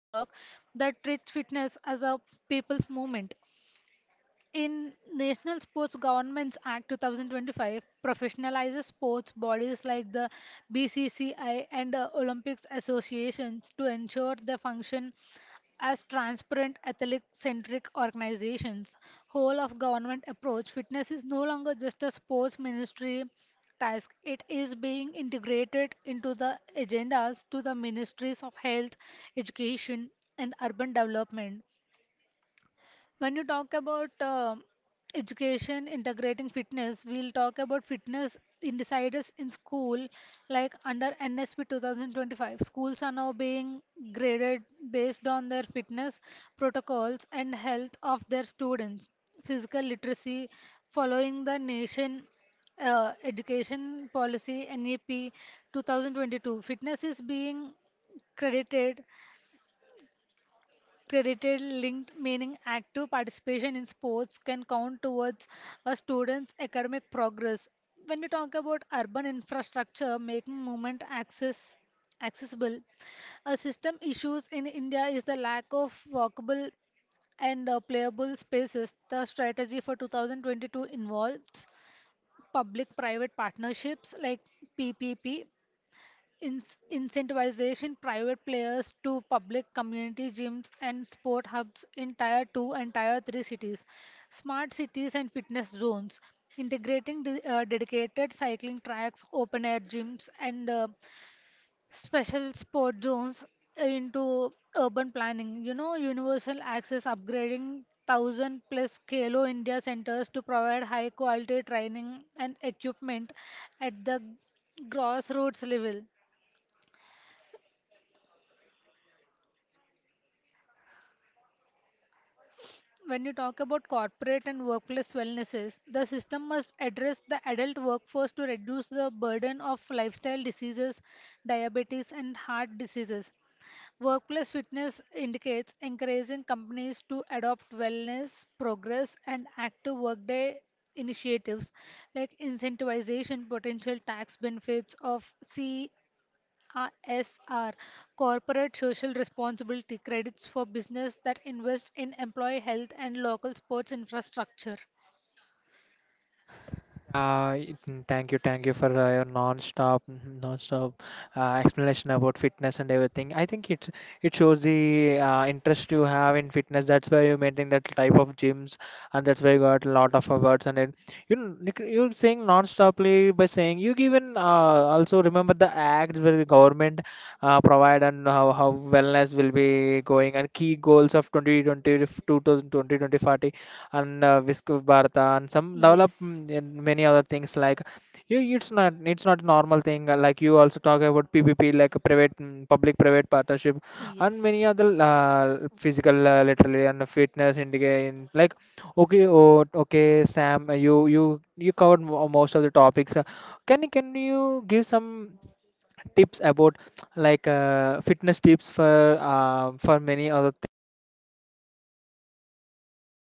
Work that treats fitness as a people's movement in National Sports Governance Act 2025, professionalizes sports bodies like the BCCI and the Olympics associations to ensure they function as transparent athletic-centric organizations. Whole of government approach. Fitness is no longer just a sports ministry task. It is being integrated into the agendas to the ministries of health, education, and urban development. When you talk about education integrating fitness, we'll talk about fitness insiders in school, like under NSP 2025. Schools are now being graded based on their fitness protocols and health of their students. Physical literacy, following the nation education policy NEP 2022. Fitness is being credited Credited linked, meaning active participation in sports can count towards a student's academic progress. When we talk about urban infrastructure making movement access accessible, a system issues in India is the lack of walkable and playable spaces. The strategy for 2022 involves public private partnerships like PPP, in- incentivization private players to public community gyms and sport hubs in tier 2 and tier 3 cities, smart cities and fitness zones integrating dedicated cycling tracks, open air gyms, and special sport zones into urban planning. Universal access upgrading 1,000 plus kalo india centers to provide high quality training and equipment at the grassroots level. When you talk about corporate and workplace wellnesses, the system must address the adult workforce to reduce the burden of lifestyle diseases, diabetes, and heart diseases. Workplace fitness indicates encouraging companies to adopt wellness, progress, and active workday initiatives like incentivization, potential tax benefits of C CSR corporate social responsibility credits for business that invest in employee health and local sports infrastructure. Yeah, thank you for your non-stop, mhm, non-stop explanation about fitness and everything. I think it shows the interest you have in fitness. That's why you maintain that type of gyms, and that's why you got a lot of awards. And it, you're saying non-stoply by saying you even also remember the acts where the government provide and how wellness will be going and key goals of 2020 to 2020 2040 and Visku Bharata and some Yes. And many other things like you it's not a normal thing like you also talk about PPP like a public private partnership and Yes. many other physical literally and fitness indicating like okay. Oh, okay, Sam, you covered most of the topics. Can you give some tips about like fitness tips for many other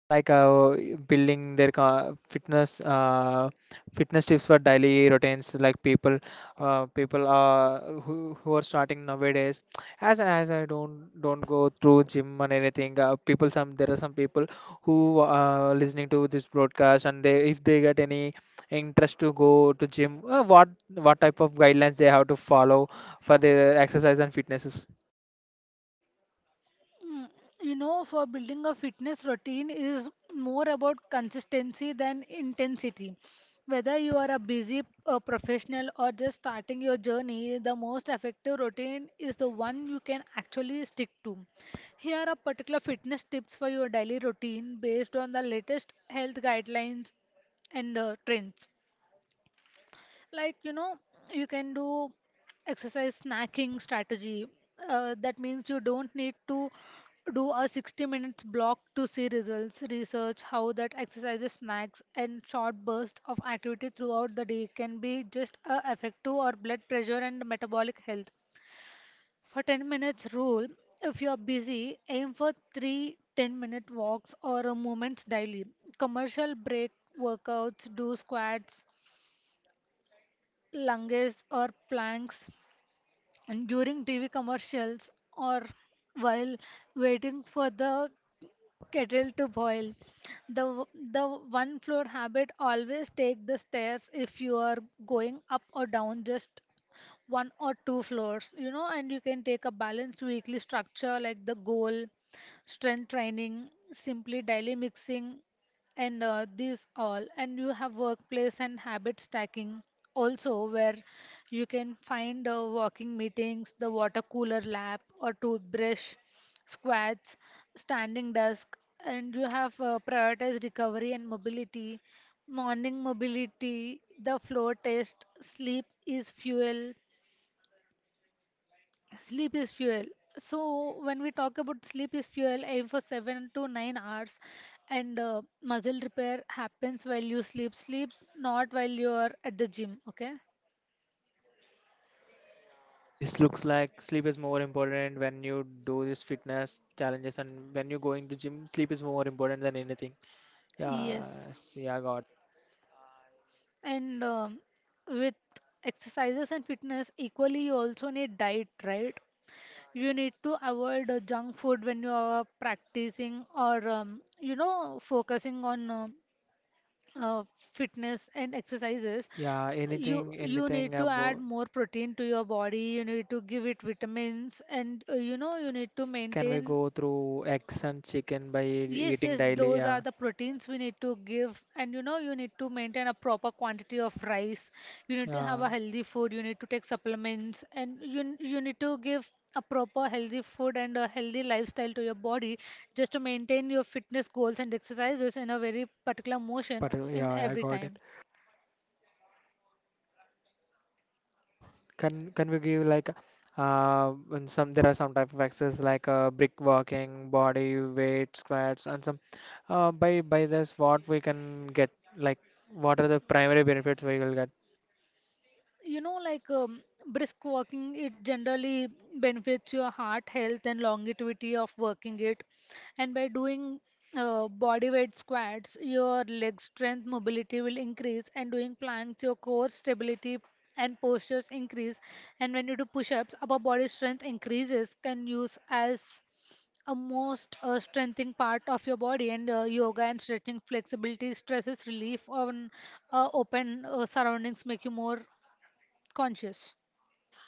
like building their fitness, fitness tips for daily routines, like people, people, who are starting nowadays, as I don't go through gym and anything. People, some, there are some people who listening to this broadcast, and they, if they get any interest to go to gym, what type of guidelines they have to follow for their exercise and fitnesses. Mm. For building a fitness routine is more about consistency than intensity. Whether you are a busy professional or just starting your journey, the most effective routine is the one you can actually stick to. Here are particular fitness tips for your daily routine based on the latest health guidelines and trends, like you can do exercise snacking strategy. That means you don't need to do a 60 minutes block to see results. Research how that exercises snacks and short bursts of activity throughout the day can be just a effective or blood pressure and metabolic health. For 10 minutes rule, if you are busy, aim for 3 10-minute walks or movements daily. Commercial break workouts, do squats, lunges or planks, and during TV commercials or while waiting for the kettle to boil. The w- the one floor habit, always take the stairs if you are going up or down just one or two floors, and you can take a balanced weekly structure like the goal, strength training, simply daily mixing, and these all. And you have workplace and habit stacking also, where you can find walking meetings, the water cooler lap, or toothbrush, squats, standing desk. And you have prioritized recovery and mobility, morning mobility, the flow test, sleep is fuel. Sleep is fuel. So when we talk about sleep is fuel, aim for 7 to 9 hours, and muscle repair happens while you sleep. Sleep, not while you are at the gym. Okay. This looks like sleep is more important. When you do this fitness challenges and when you're going to gym, sleep is more important than anything. Yes, Yes. yeah, see, I got. And with exercises and fitness equally, you also need diet, right? You need to avoid junk food when you are practicing or focusing on. uh, fitness and exercises. Yeah, you anything, you anything need to add about, more protein to your body. You need to give it vitamins, and you need to can we maintain. go through eggs and chicken by Yes, eating yes, daily? those Yeah, are the proteins we need to give. And you need to maintain a proper quantity of rice. You need to have yeah, a healthy food. You need to take supplements, and you need to give a proper healthy food and a healthy lifestyle to your body just to maintain your fitness goals and exercises in a very particular motion but in yeah, I every got it. time. Can we give like and some, there are some type of exercises like brick walking, body weight squats, and some, by this what we can get, like what are the primary benefits we will get? Like, brisk walking, it generally benefits your heart health and longevity of working it. And by doing body weight squats, your leg strength mobility will increase, and doing planks, your core stability and postures increase. And when you do push-ups, upper body strength increases. Can use as a most strengthening part of your body. And yoga and stretching flexibility stresses relief on open surroundings make you more conscious.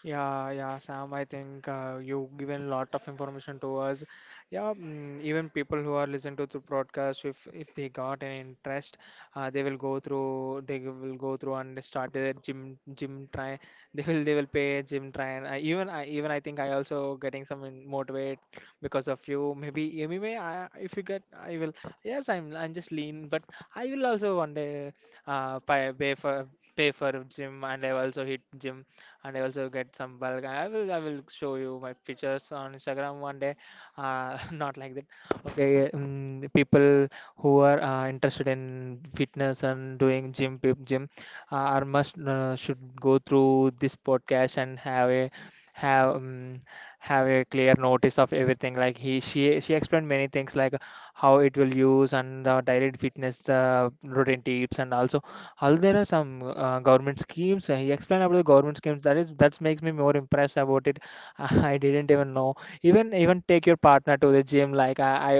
Yeah, yeah, Sam, I think you've given lot of information to us. Yeah, mm, even people who are listening to the broadcast, if they got an interest, they will go through, they will go through and start their gym try. They will pay a gym try. And I, even I think I also getting some motivate because of you. Maybe anyway, I, if you get, I will. Yes, I'm just lean, but I will also one day pay for pay for gym, and I will also hit gym and I also get some bulk. I will show you my pictures on Instagram one day. Not like that. Okay, the people who are interested in fitness and doing gym, gym, are must should go through this podcast and have a have um, have a clear notice of everything, like he she explained many things, like how it will use and the direct fitness, the routine tips, and also all, there are some government schemes. He explained about the government schemes, that is, that makes me more impressed about it. I didn't even know. Even take your partner to the gym, like I, I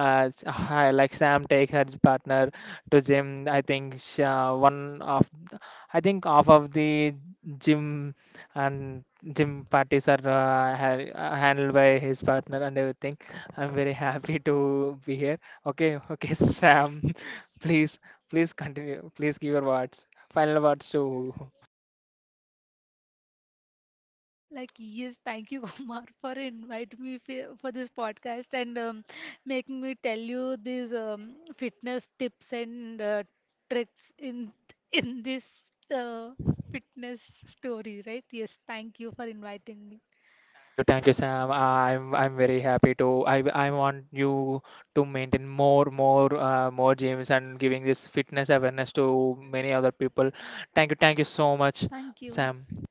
uh, s- I- like Sam takes her partner to gym. I think she, one of, I think half of the gym and gym parties are handled by his partner and everything. I'm very happy to be here. Okay, okay, Sam, please, please continue. Please give your words, final words to. Like, yes, thank you, Kumar, for inviting me for this podcast and making me tell you these fitness tips and tricks in in this uh, fitness story, right? Yes, thank you for inviting me. Thank you, Sam. I'm very happy to. I want you to maintain more, more, more gyms and giving this fitness awareness to many other people. Thank you so much, Thank you. Sam.